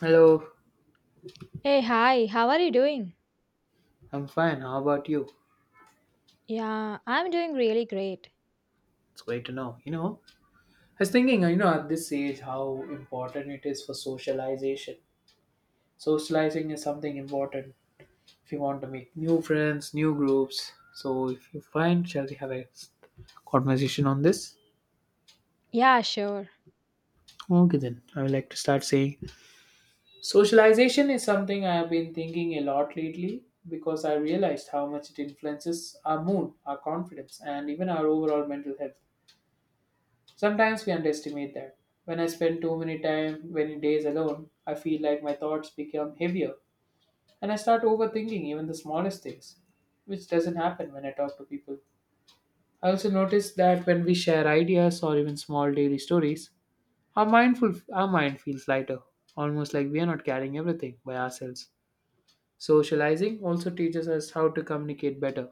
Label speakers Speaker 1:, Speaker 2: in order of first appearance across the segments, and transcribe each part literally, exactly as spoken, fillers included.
Speaker 1: Hello,
Speaker 2: Hey, hi, how are you doing?
Speaker 1: I'm fine. How about you?
Speaker 2: Yeah, I'm doing really great.
Speaker 1: It's great to know. You know, I was thinking, you know, at this age, how important it is for socialization. Socializing is something important if you want to make new friends, new groups. So, if you find, shall we have a conversation on this?
Speaker 2: Yeah, sure.
Speaker 1: Okay, then I would like to start saying socialization is something I have been thinking a lot lately because I realized how much it influences our mood, our confidence, and even our overall mental health. Sometimes we underestimate that. When I spend too many time, many days alone, I feel like my thoughts become heavier and I start overthinking even the smallest things, which doesn't happen when I talk to people. I also notice that when we share ideas or even small daily stories, our mindful our mind feels lighter, almost like we are not carrying everything by ourselves. Socializing also teaches us how to communicate better,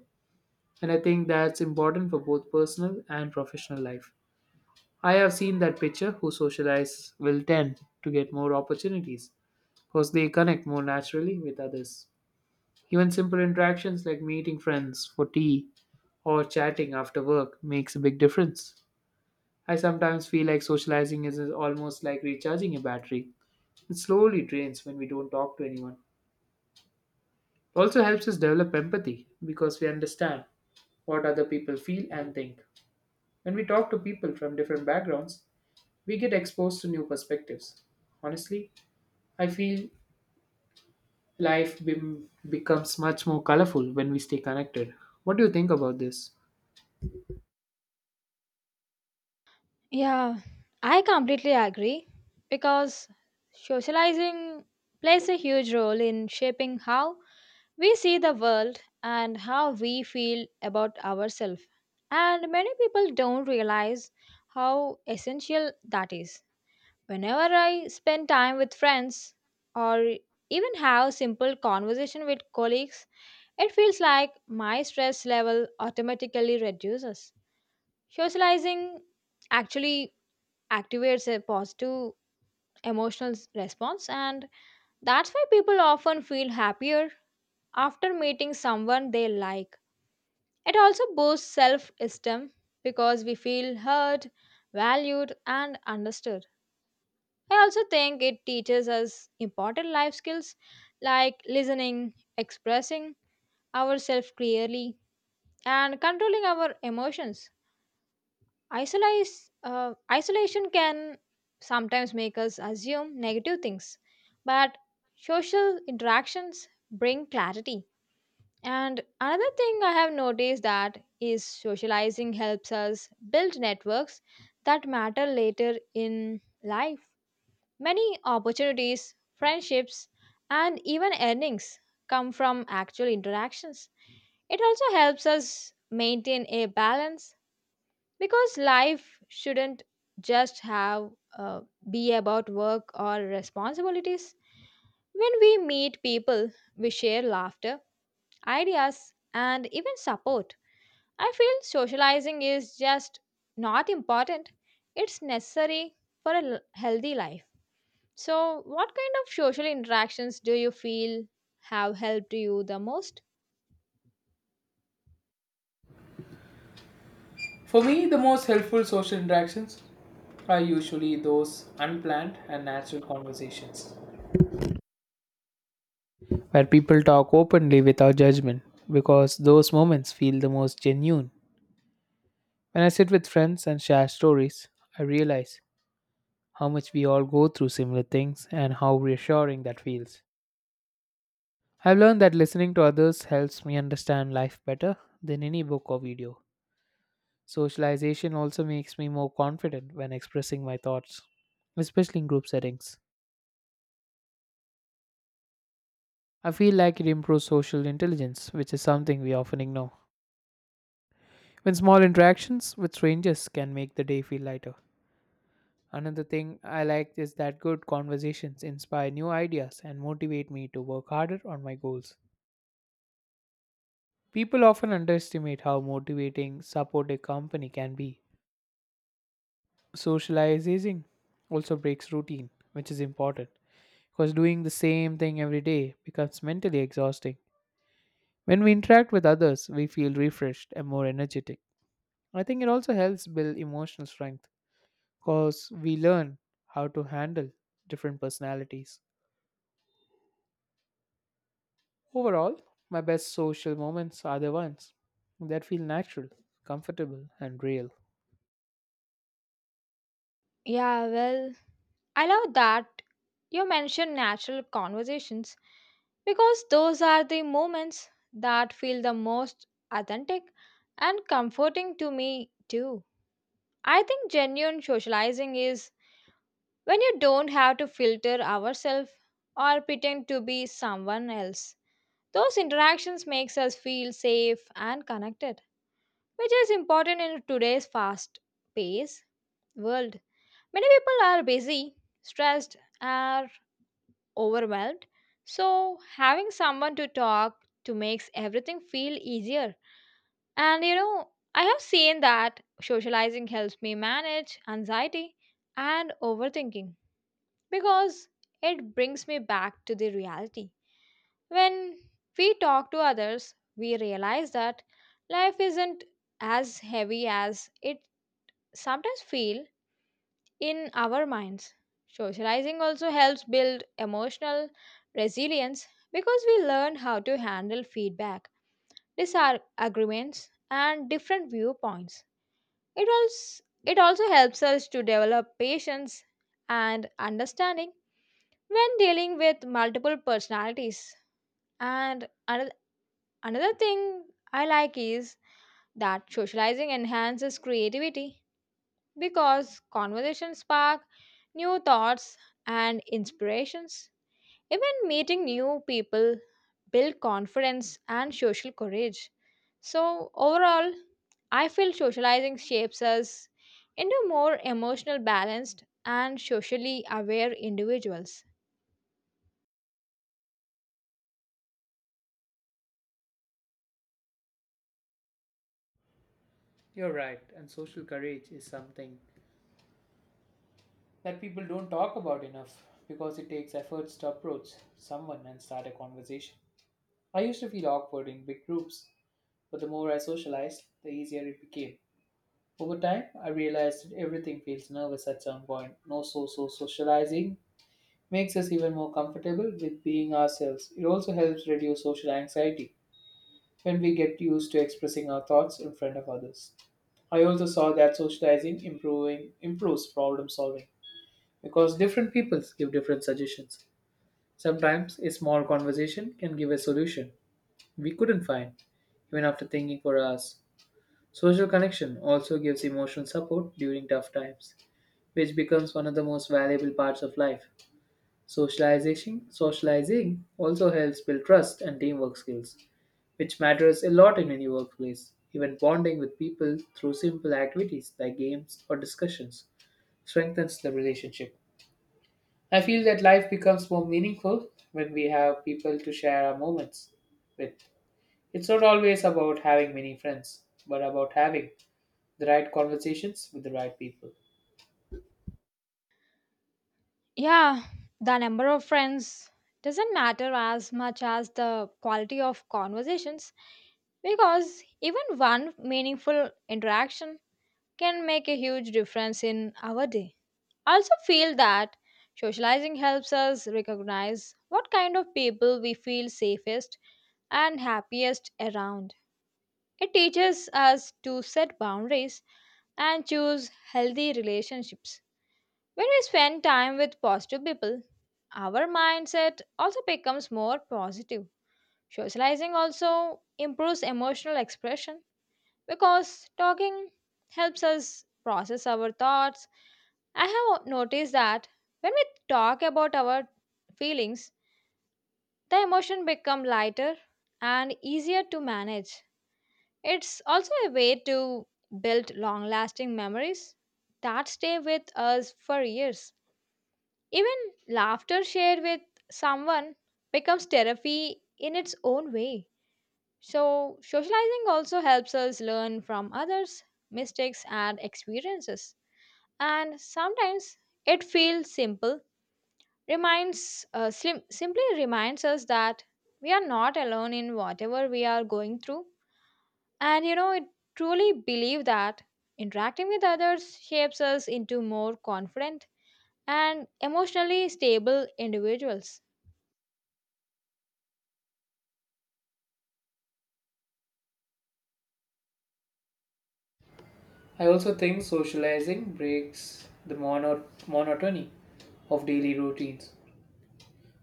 Speaker 1: and I think that's important for both personal and professional life. I have seen that pitcher who socialize will tend to get more opportunities because they connect more naturally with others. Even simple interactions like meeting friends for tea or chatting after work makes a big difference. I sometimes feel like socializing is almost like recharging a battery. It slowly drains when we don't talk to anyone. It also helps us develop empathy because we understand what other people feel and think. When we talk to people from different backgrounds, we get exposed to new perspectives. Honestly, I feel life bem- becomes much more colorful when we stay connected. What do you think about this?
Speaker 2: Yeah, I completely agree because socializing plays a huge role in shaping how we see the world and how we feel about ourselves. And many people don't realize how essential that is. Whenever I spend time with friends or even have simple conversation with colleagues, it feels like my stress level automatically reduces. Socializing actually activates a positive emotional s- response, and that's why people often feel happier after meeting someone they like. It also boosts self esteem because we feel heard, valued, and understood. I also think it teaches us important life skills like listening, expressing ourselves clearly, and controlling our emotions. Isolize, uh, isolation can sometimes make us assume negative things, but social interactions bring clarity. And another thing I have noticed that is socializing helps us build networks that matter later in life. Many opportunities, friendships, and even earnings come from actual interactions. It also helps us maintain a balance because life shouldn't just have uh, be about work or responsibilities. When we meet people, we share laughter, ideas, and even support. I feel socializing is just not important, it's necessary for a l- healthy life. So what kind of social interactions do you feel have helped you the most?
Speaker 1: For me, the most helpful social interactions are usually those unplanned and natural conversations where people talk openly without judgment because those moments feel the most genuine. When I sit with friends and share stories, I realize how much we all go through similar things and how reassuring that feels. I've learned that listening to others helps me understand life better than any book or video. Socialization also makes me more confident when expressing my thoughts, especially in group settings. I feel like it improves social intelligence, which is something we often ignore. When small interactions with strangers can make the day feel lighter. Another thing I like is that good conversations inspire new ideas and motivate me to work harder on my goals. People often underestimate how motivating supportive company can be. Socializing also breaks routine, which is important, because doing the same thing every day becomes mentally exhausting. When we interact with others, we feel refreshed and more energetic. I think it also helps build emotional strength because we learn how to handle different personalities. Overall, my best social moments are the ones that feel natural, comfortable, and real.
Speaker 2: Yeah, well, I love that you mention natural conversations because those are the moments that feel the most authentic and comforting to me, too. I think genuine socializing is when you don't have to filter ourselves or pretend to be someone else. Those interactions makes us feel safe and connected, which is important in today's fast-paced world. Many people are busy, stressed, or overwhelmed. So, having someone to talk to makes everything feel easier. And you know, I have seen that socializing helps me manage anxiety and overthinking because it brings me back to the reality. When we talk to others, we realize that life isn't as heavy as it sometimes feels in our minds. Socializing also helps build emotional resilience because we learn how to handle feedback, disagreements, and different viewpoints. It also, it also helps us to develop patience and understanding when dealing with multiple personalities. And another, another thing I like is that socializing enhances creativity because conversations spark new thoughts and inspirations. Even meeting new people build confidence and social courage. So overall, I feel socializing shapes us into more emotional balanced and socially aware individuals.
Speaker 1: You're right, and social courage is something that people don't talk about enough because it takes efforts to approach someone and start a conversation. I used to feel awkward in big groups, but the more I socialized, the easier it became. Over time, I realized that everything feels nervous at some point. No, so so socializing makes us even more comfortable with being ourselves. It also helps reduce social anxiety when we get used to expressing our thoughts in front of others. I also saw that socializing improving improves problem solving because different peoples give different suggestions. Sometimes a small conversation can give a solution we couldn't find, even after thinking for hours. Social connection also gives emotional support during tough times, which becomes one of the most valuable parts of life. Socialization, socializing also helps build trust and teamwork skills, which matters a lot in any workplace. Even bonding with people through simple activities like games or discussions strengthens the relationship. I feel that life becomes more meaningful when we have people to share our moments with. It's not always about having many friends, but about having the right conversations with the right people.
Speaker 2: Yeah, the number of friends doesn't matter as much as the quality of conversations because even one meaningful interaction can make a huge difference in our day. I also feel that socializing helps us recognize what kind of people we feel safest and happiest around. It teaches us to set boundaries and choose healthy relationships. When we spend time with positive people, our mindset also becomes more positive. Socializing also improves emotional expression because talking helps us process our thoughts. I have noticed that when we talk about our feelings, the emotion become lighter and easier to manage. It's also a way to build long-lasting memories that stay with us for years. Even laughter shared with someone becomes therapy in its own way. So, socializing also helps us learn from others, mistakes and experiences. And sometimes it feels simple reminds uh, sim- simply reminds us that we are not alone in whatever we are going through. And you know, I truly believe that interacting with others shapes us into more confident and emotionally stable individuals.
Speaker 1: I also think socializing breaks the mono- monotony of daily routines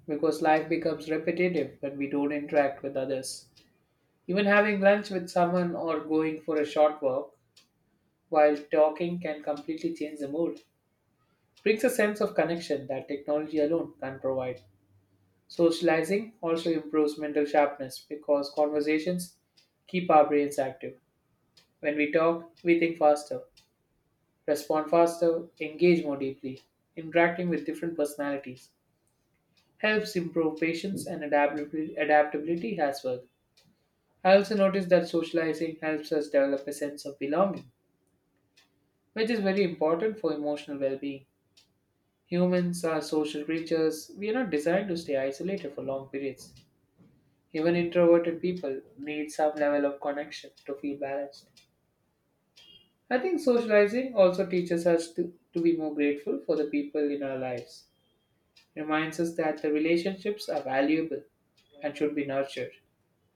Speaker 1: because life becomes repetitive when we don't interact with others. Even having lunch with someone or going for a short walk while talking can completely change the mood. Brings a sense of connection that technology alone can provide. Socializing also improves mental sharpness because conversations keep our brains active. When we talk, we think faster, respond faster, engage more deeply. Interacting with different personalities helps improve patience and adaptability, adaptability as well. I also noticed that socializing helps us develop a sense of belonging, which is very important for emotional well being. Humans are social creatures, we are not designed to stay isolated for long periods. Even introverted people need some level of connection to feel balanced. I think socializing also teaches us to, to be more grateful for the people in our lives. Reminds us that the relationships are valuable and should be nurtured.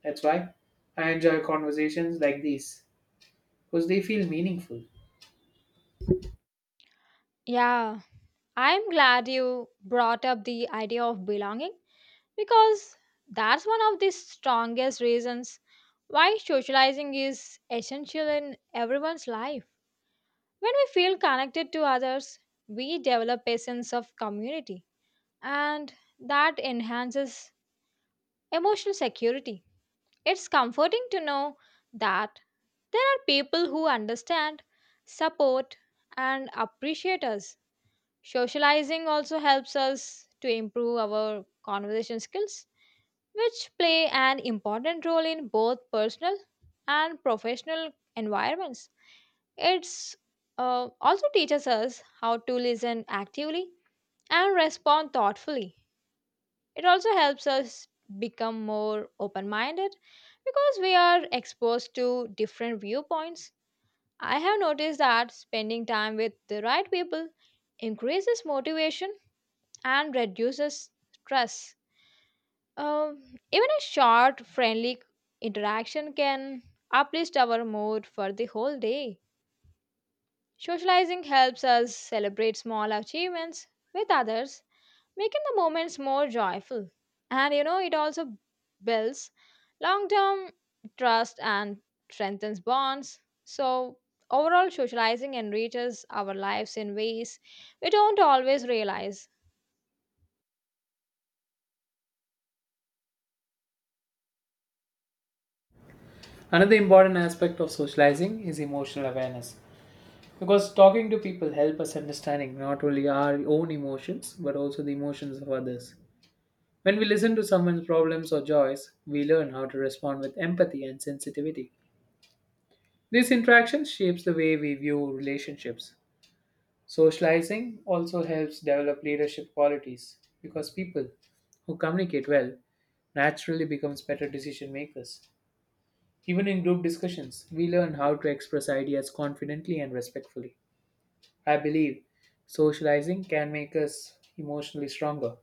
Speaker 1: That's why I enjoy conversations like these because they feel meaningful.
Speaker 2: Yeah, I'm glad you brought up the idea of belonging because that's one of the strongest reasons why socializing is essential in everyone's life. When we feel connected to others, we develop a sense of community, and that enhances emotional security. It's comforting to know that there are people who understand, support, and appreciate us. Socializing also helps us to improve our conversation skills which play an important role in both personal and professional environments. It's uh, also teaches us how to listen actively and respond thoughtfully. It also helps us become more open minded because we are exposed to different viewpoints. I have noticed that spending time with the right people increases motivation and reduces stress. Um, Even a short, friendly interaction can uplift our mood for the whole day. Socializing helps us celebrate small achievements with others, making the moments more joyful. And you know, it also builds long term trust and strengthens bonds. So, overall, socializing enriches our lives in ways we don't always realize.
Speaker 1: Another important aspect of socializing is emotional awareness because talking to people help us understanding not only our own emotions but also the emotions of others. When we listen to someone's problems or joys, we learn how to respond with empathy and sensitivity. This interaction shapes the way we view relationships. Socializing also helps develop leadership qualities because people who communicate well naturally becomes better decision makers. Even in group discussions, we learn how to express ideas confidently and respectfully. I believe socializing can make us emotionally stronger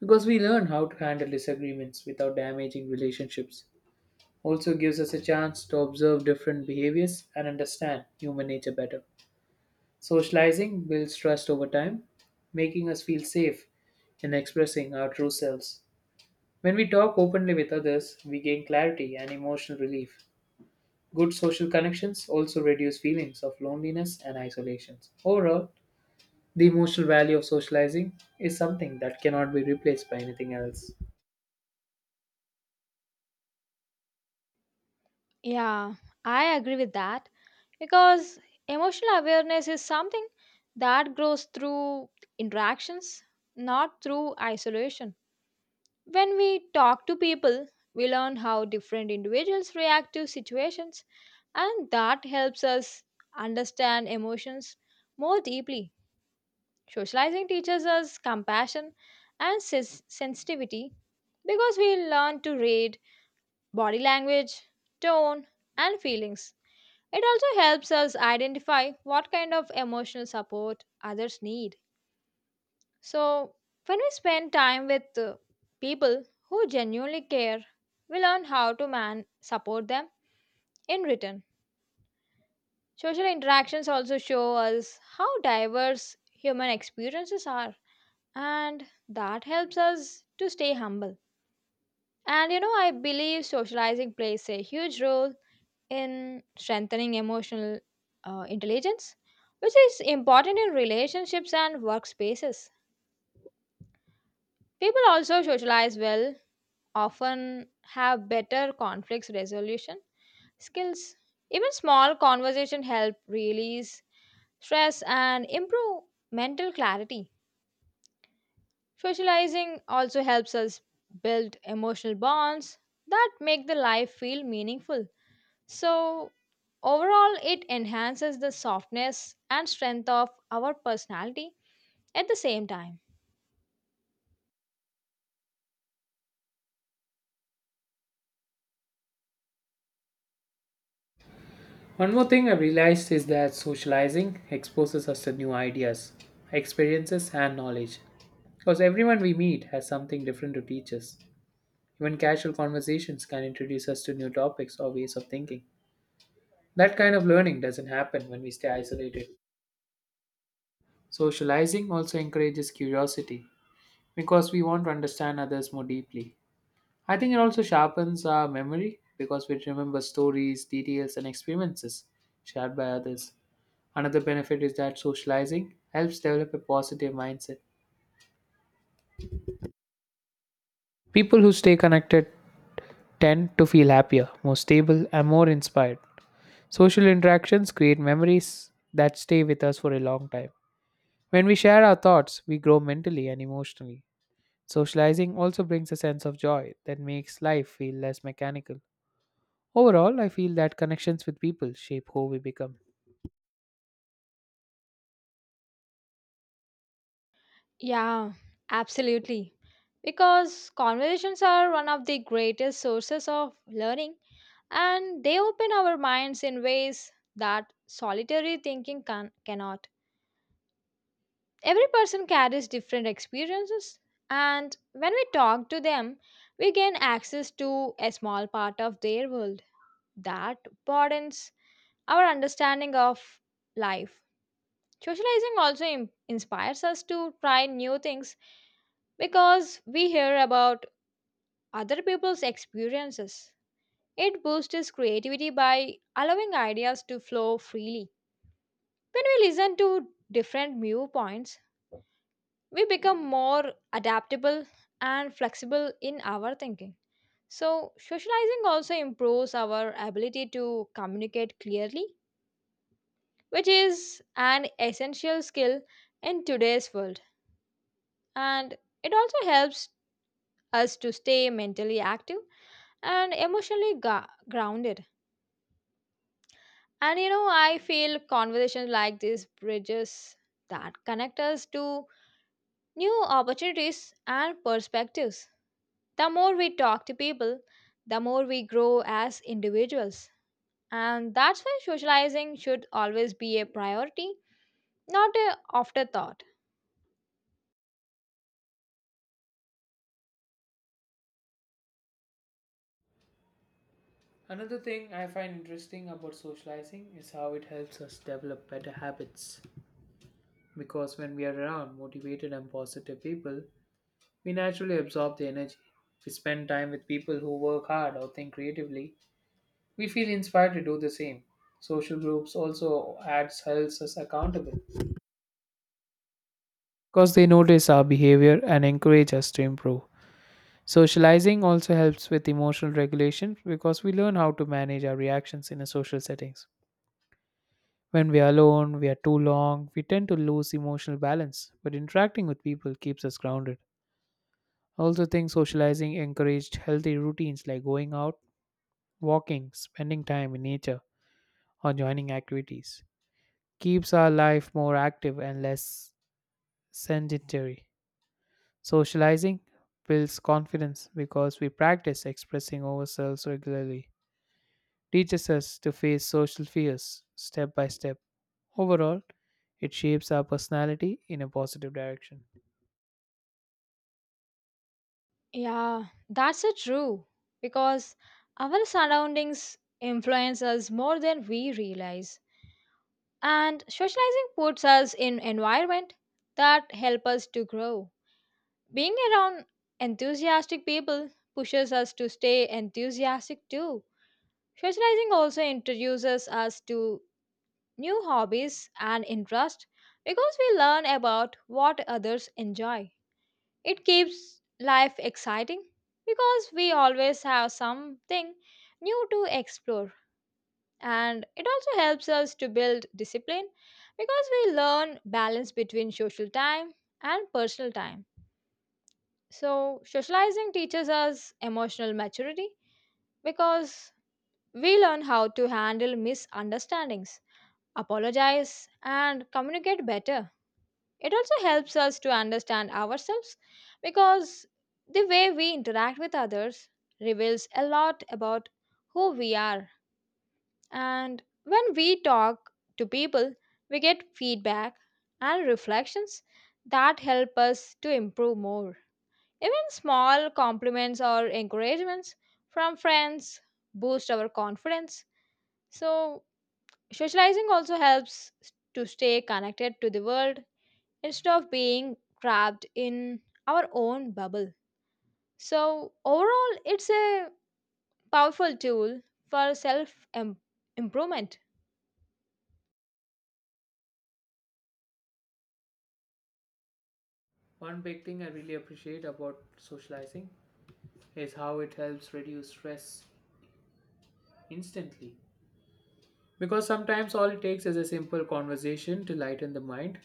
Speaker 1: because we learn how to handle disagreements without damaging relationships. Also gives us a chance to observe different behaviors and understand human nature better. Socializing builds trust over time, making us feel safe in expressing our true selves. When we talk openly with others, we gain clarity and emotional relief. Good social connections also reduce feelings of loneliness and isolation. Overall, the emotional value of socializing is something that cannot be replaced by anything else.
Speaker 2: Yeah, I agree with that. Because emotional awareness is something that grows through interactions, not through isolation. When we talk to people, we learn how different individuals react to situations, and that helps us understand emotions more deeply. Socializing teaches us compassion and ses- sensitivity because we learn to read body language, tone, and feelings. It also helps us identify what kind of emotional support others need. So, when we spend time with uh, people who genuinely care, we learn how to man support them in return. Social interactions also show us how diverse human experiences are, and that helps us to stay humble. And you know, I believe socializing plays a huge role in strengthening emotional uh, intelligence, which is important in relationships and workspaces. People also socialize well, often have better conflict resolution skills. Even small conversation help release stress and improve mental clarity. Socializing also helps us build emotional bonds that make the life feel meaningful. So, overall, it enhances the softness and strength of our personality at the same time.
Speaker 1: One more thing I realized is that socializing exposes us to new ideas, experiences, and knowledge. Because everyone we meet has something different to teach us. Even casual conversations can introduce us to new topics or ways of thinking. That kind of learning doesn't happen when we stay isolated. Socializing also encourages curiosity because we want to understand others more deeply. I think it also sharpens our memory because we remember stories, details, and experiences shared by others. Another benefit is that socializing helps develop a positive mindset. People who stay connected tend to feel happier, more stable, and more inspired. Social interactions create memories that stay with us for a long time. When we share our thoughts, we grow mentally and emotionally. Socializing also brings a sense of joy that makes life feel less mechanical. Overall, I feel that connections with people shape who we become.
Speaker 2: Yeah, absolutely. Because conversations are one of the greatest sources of learning and they open our minds in ways that solitary thinking can- cannot. Every person carries different experiences, and when we talk to them, we gain access to a small part of their world that broadens our understanding of life. Socializing also im- inspires us to try new things because we hear about other people's experiences. It boosts creativity by allowing ideas to flow freely. When we listen to different viewpoints, we become more adaptable and flexible in our thinking. So, socializing also improves our ability to communicate clearly, which is an essential skill in today's world. And it also helps us to stay mentally active and emotionally ga- grounded. And you know, I feel conversations like this bridges that connect us to new opportunities and perspectives. The more we talk to people, the more we grow as individuals. And that's why socializing should always be a priority, not an afterthought.
Speaker 1: Another thing I find interesting about socializing is how it helps us develop better habits. Because when we are around motivated and positive people, we naturally absorb the energy. We spend time with people who work hard or think creatively. We feel inspired to do the same. Social groups also adds holds us accountable because they notice our behavior and encourage us to improve. Socializing also helps with emotional regulation because we learn how to manage our reactions in a social settings. When we are alone, we are too long, we tend to lose emotional balance, but interacting with people keeps us grounded. I also think socializing encouraged healthy routines like going out, walking, spending time in nature, or joining activities keeps our life more active and less sedentary. Socializing builds confidence because we practice expressing ourselves regularly, teaches us to face social fears step by step. Overall, it shapes our personality in a positive direction.
Speaker 2: Yeah, that's so true. Because our surroundings influence us more than we realize. And socializing puts us in environment that help us to grow. Being around enthusiastic people pushes us to stay enthusiastic too. Socializing also introduces us to new hobbies and interests because we learn about what others enjoy. It keeps life exciting because we always have something new to explore. And it also helps us to build discipline because we learn balance between social time and personal time. So, socializing teaches us emotional maturity because we learn how to handle misunderstandings, apologize, and communicate better. It also helps us to understand ourselves because the way we interact with others reveals a lot about who we are. And when we talk to people, we get feedback and reflections that help us to improve more. Even small compliments or encouragements from friends boost our confidence. So, socializing also helps to stay connected to the world instead of being trapped in our own bubble. So, overall, it's a powerful tool for self improvement.
Speaker 1: One big thing I really appreciate about socializing is how it helps reduce stress instantly. Because sometimes all it takes is a simple conversation to lighten the mind.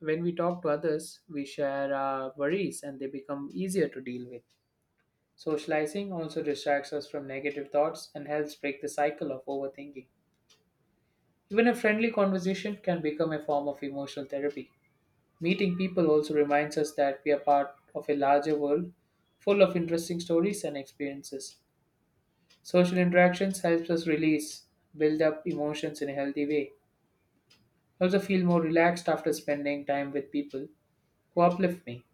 Speaker 1: When we talk to others, we share our worries and they become easier to deal with. Socializing also distracts us from negative thoughts and helps break the cycle of overthinking. Even a friendly conversation can become a form of emotional therapy. Meeting people also reminds us that we are part of a larger world full of interesting stories and experiences. Social interactions helps us release, build up emotions in a healthy way. I also feel more relaxed after spending time with people who uplift me.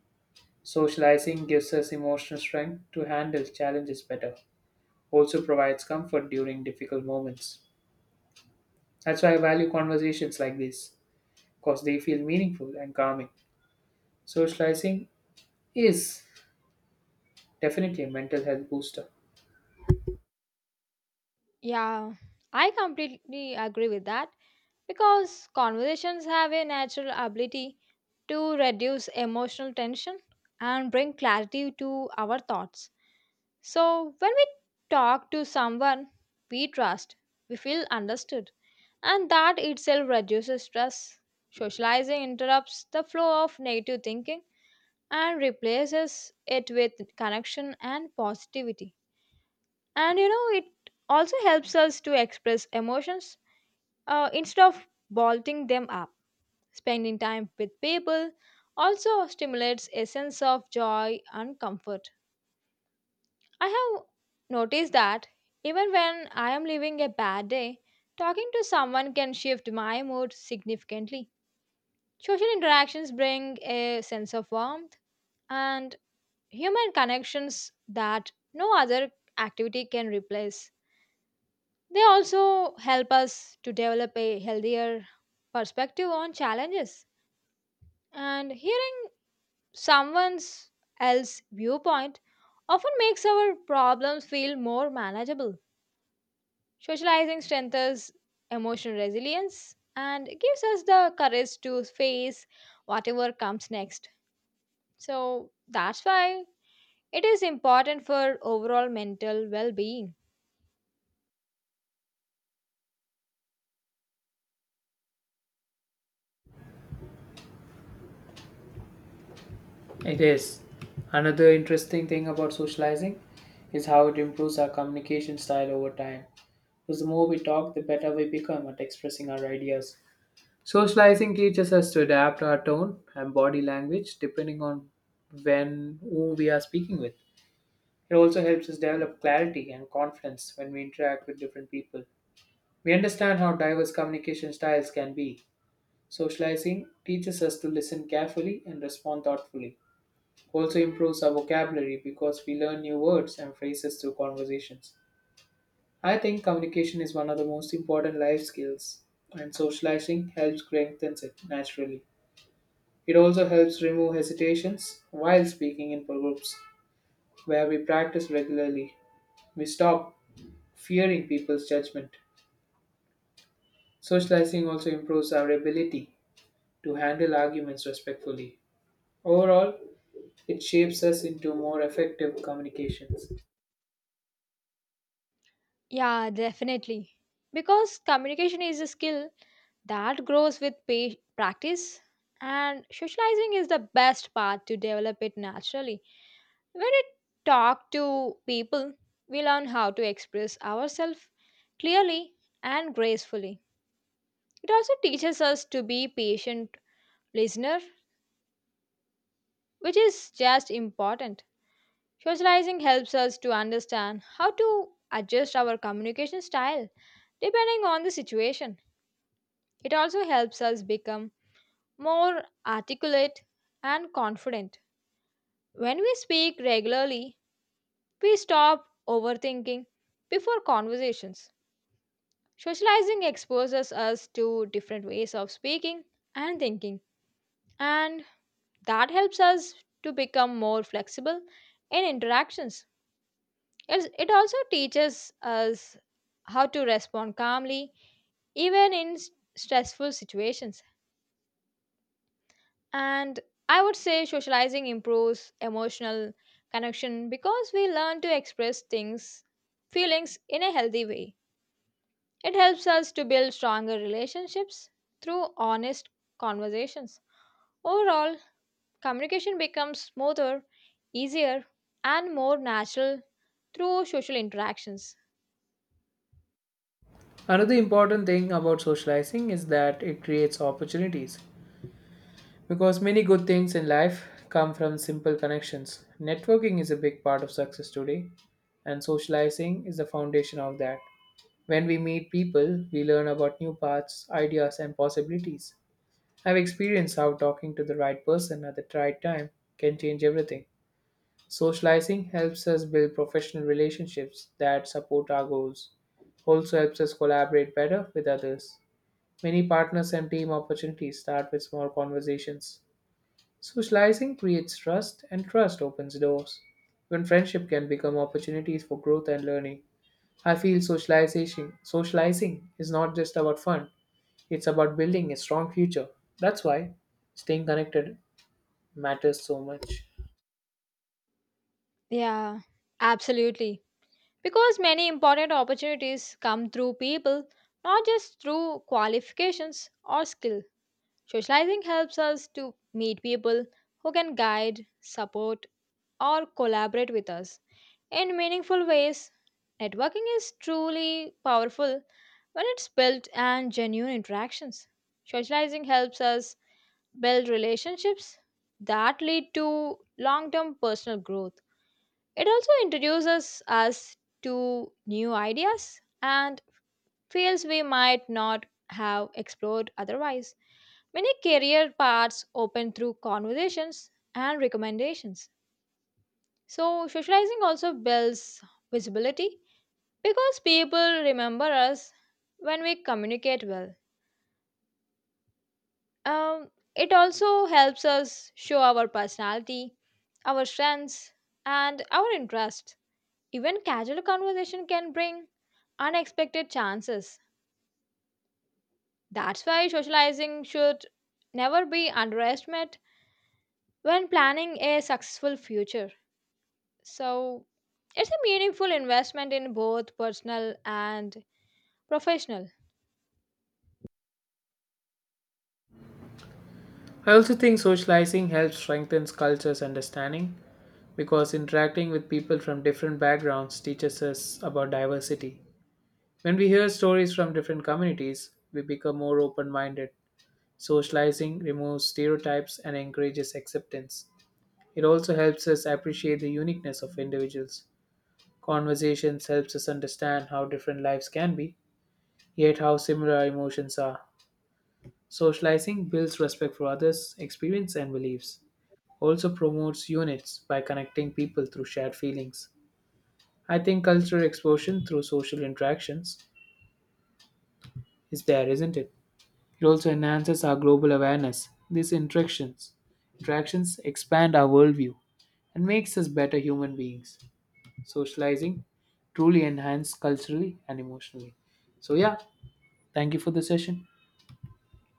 Speaker 1: Socializing gives us emotional strength to handle challenges better, also provides comfort during difficult moments. That's why I value conversations like this, because they feel meaningful and calming. Socializing is definitely a mental health booster.
Speaker 2: Yeah, I completely agree with that because conversations have a natural ability to reduce emotional tension and bring clarity to our thoughts. So, when we talk to someone we trust, we feel understood and that itself reduces stress. Socializing interrupts the flow of negative thinking and replaces it with connection and positivity. And you know, it also helps us to express emotions uh, instead of bolting them up. Spending time with people also stimulates a sense of joy and comfort. I have noticed that even when I am living a bad day, talking to someone can shift my mood significantly. Social interactions bring a sense of warmth and human connections that no other activity can replace. They also help us to develop a healthier perspective on challenges. And hearing someone's else viewpoint often makes our problems feel more manageable. Socializing strengthens emotional resilience and gives us the courage to face whatever comes next. So that's why it is important for overall mental well being.
Speaker 1: It is. Another interesting thing about socializing is how it improves our communication style over time. Because the more we talk, the better we become at expressing our ideas. Socializing teaches us to adapt our tone and body language depending on when who we are speaking with. It also helps us develop clarity and confidence when we interact with different people. We understand how diverse communication styles can be. Socializing teaches us to listen carefully and respond thoughtfully. Also improves our vocabulary because we learn new words and phrases through conversations. I think communication is one of the most important life skills, and socializing helps strengthen it naturally. It also helps remove hesitations while speaking in groups where we practice regularly. We stop fearing people's judgment. Socializing also improves our ability to handle arguments respectfully. Overall, it shapes us into more effective communications.
Speaker 2: Yeah, definitely. Because communication is a skill that grows with pa- practice, and socializing is the best path to develop it naturally. When we talk to people, we learn how to express ourselves clearly and gracefully. It also teaches us to be patient listener, which is just important. Socializing helps us to understand how to adjust our communication style depending on the situation. It also helps us become more articulate and confident. When we speak regularly, we stop overthinking before conversations. Socializing exposes us to different ways of speaking and thinking, and that helps us to become more flexible in interactions. It's, it also teaches us how to respond calmly, even in s- stressful situations. And I would say socializing improves emotional connection because we learn to express things, feelings in a healthy way. It helps us to build stronger relationships through honest conversations. Overall, communication becomes smoother, easier, and more natural through social interactions.
Speaker 1: Another important thing about socializing is that it creates opportunities. Because many good things in life come from simple connections. Networking is a big part of success today, and socializing is the foundation of that. When we meet people, we learn about new paths, ideas, and possibilities. I've experienced how talking to the right person at the right time can change everything. Socializing helps us build professional relationships that support our goals, also helps us collaborate better with others. Many partners and team opportunities start with small conversations. Socializing creates trust, and trust opens doors. When friendship can become opportunities for growth and learning. I feel socialization socializing is not just about fun, it's about building a strong future. That's why staying connected matters so much.
Speaker 2: Yeah, absolutely. Because many important opportunities come through people, not just through qualifications or skill. Socializing helps us to meet people who can guide, support, or collaborate with us in meaningful ways. Networking is truly powerful when it's built and genuine interactions. Socializing helps us build relationships that lead to long term personal growth. It also introduces us to new ideas and fields we might not have explored otherwise. Many career paths open through conversations and recommendations. So, socializing also builds visibility because people remember us when we communicate well. Um, it also helps us show our personality, our strengths, and our interests. Even casual conversation can bring unexpected chances. That's why socializing should never be underestimated when planning a successful future. So, it's a meaningful investment in both personal and professional.
Speaker 1: I also think socializing helps strengthens cultures understanding because interacting with people from different backgrounds teaches us about diversity. When we hear stories from different communities, we become more open-minded. Socializing removes stereotypes and encourages acceptance. It also helps us appreciate the uniqueness of individuals. Conversations helps us understand how different lives can be, yet how similar our emotions are. Socializing builds respect for others, experience and beliefs. Also promotes units by connecting people through shared feelings. I think cultural exposure through social interactions is there, isn't it? It also enhances our global awareness. These interactions, interactions expand our worldview and makes us better human beings. Socializing truly enhanced culturally and emotionally. So yeah, thank you for the session.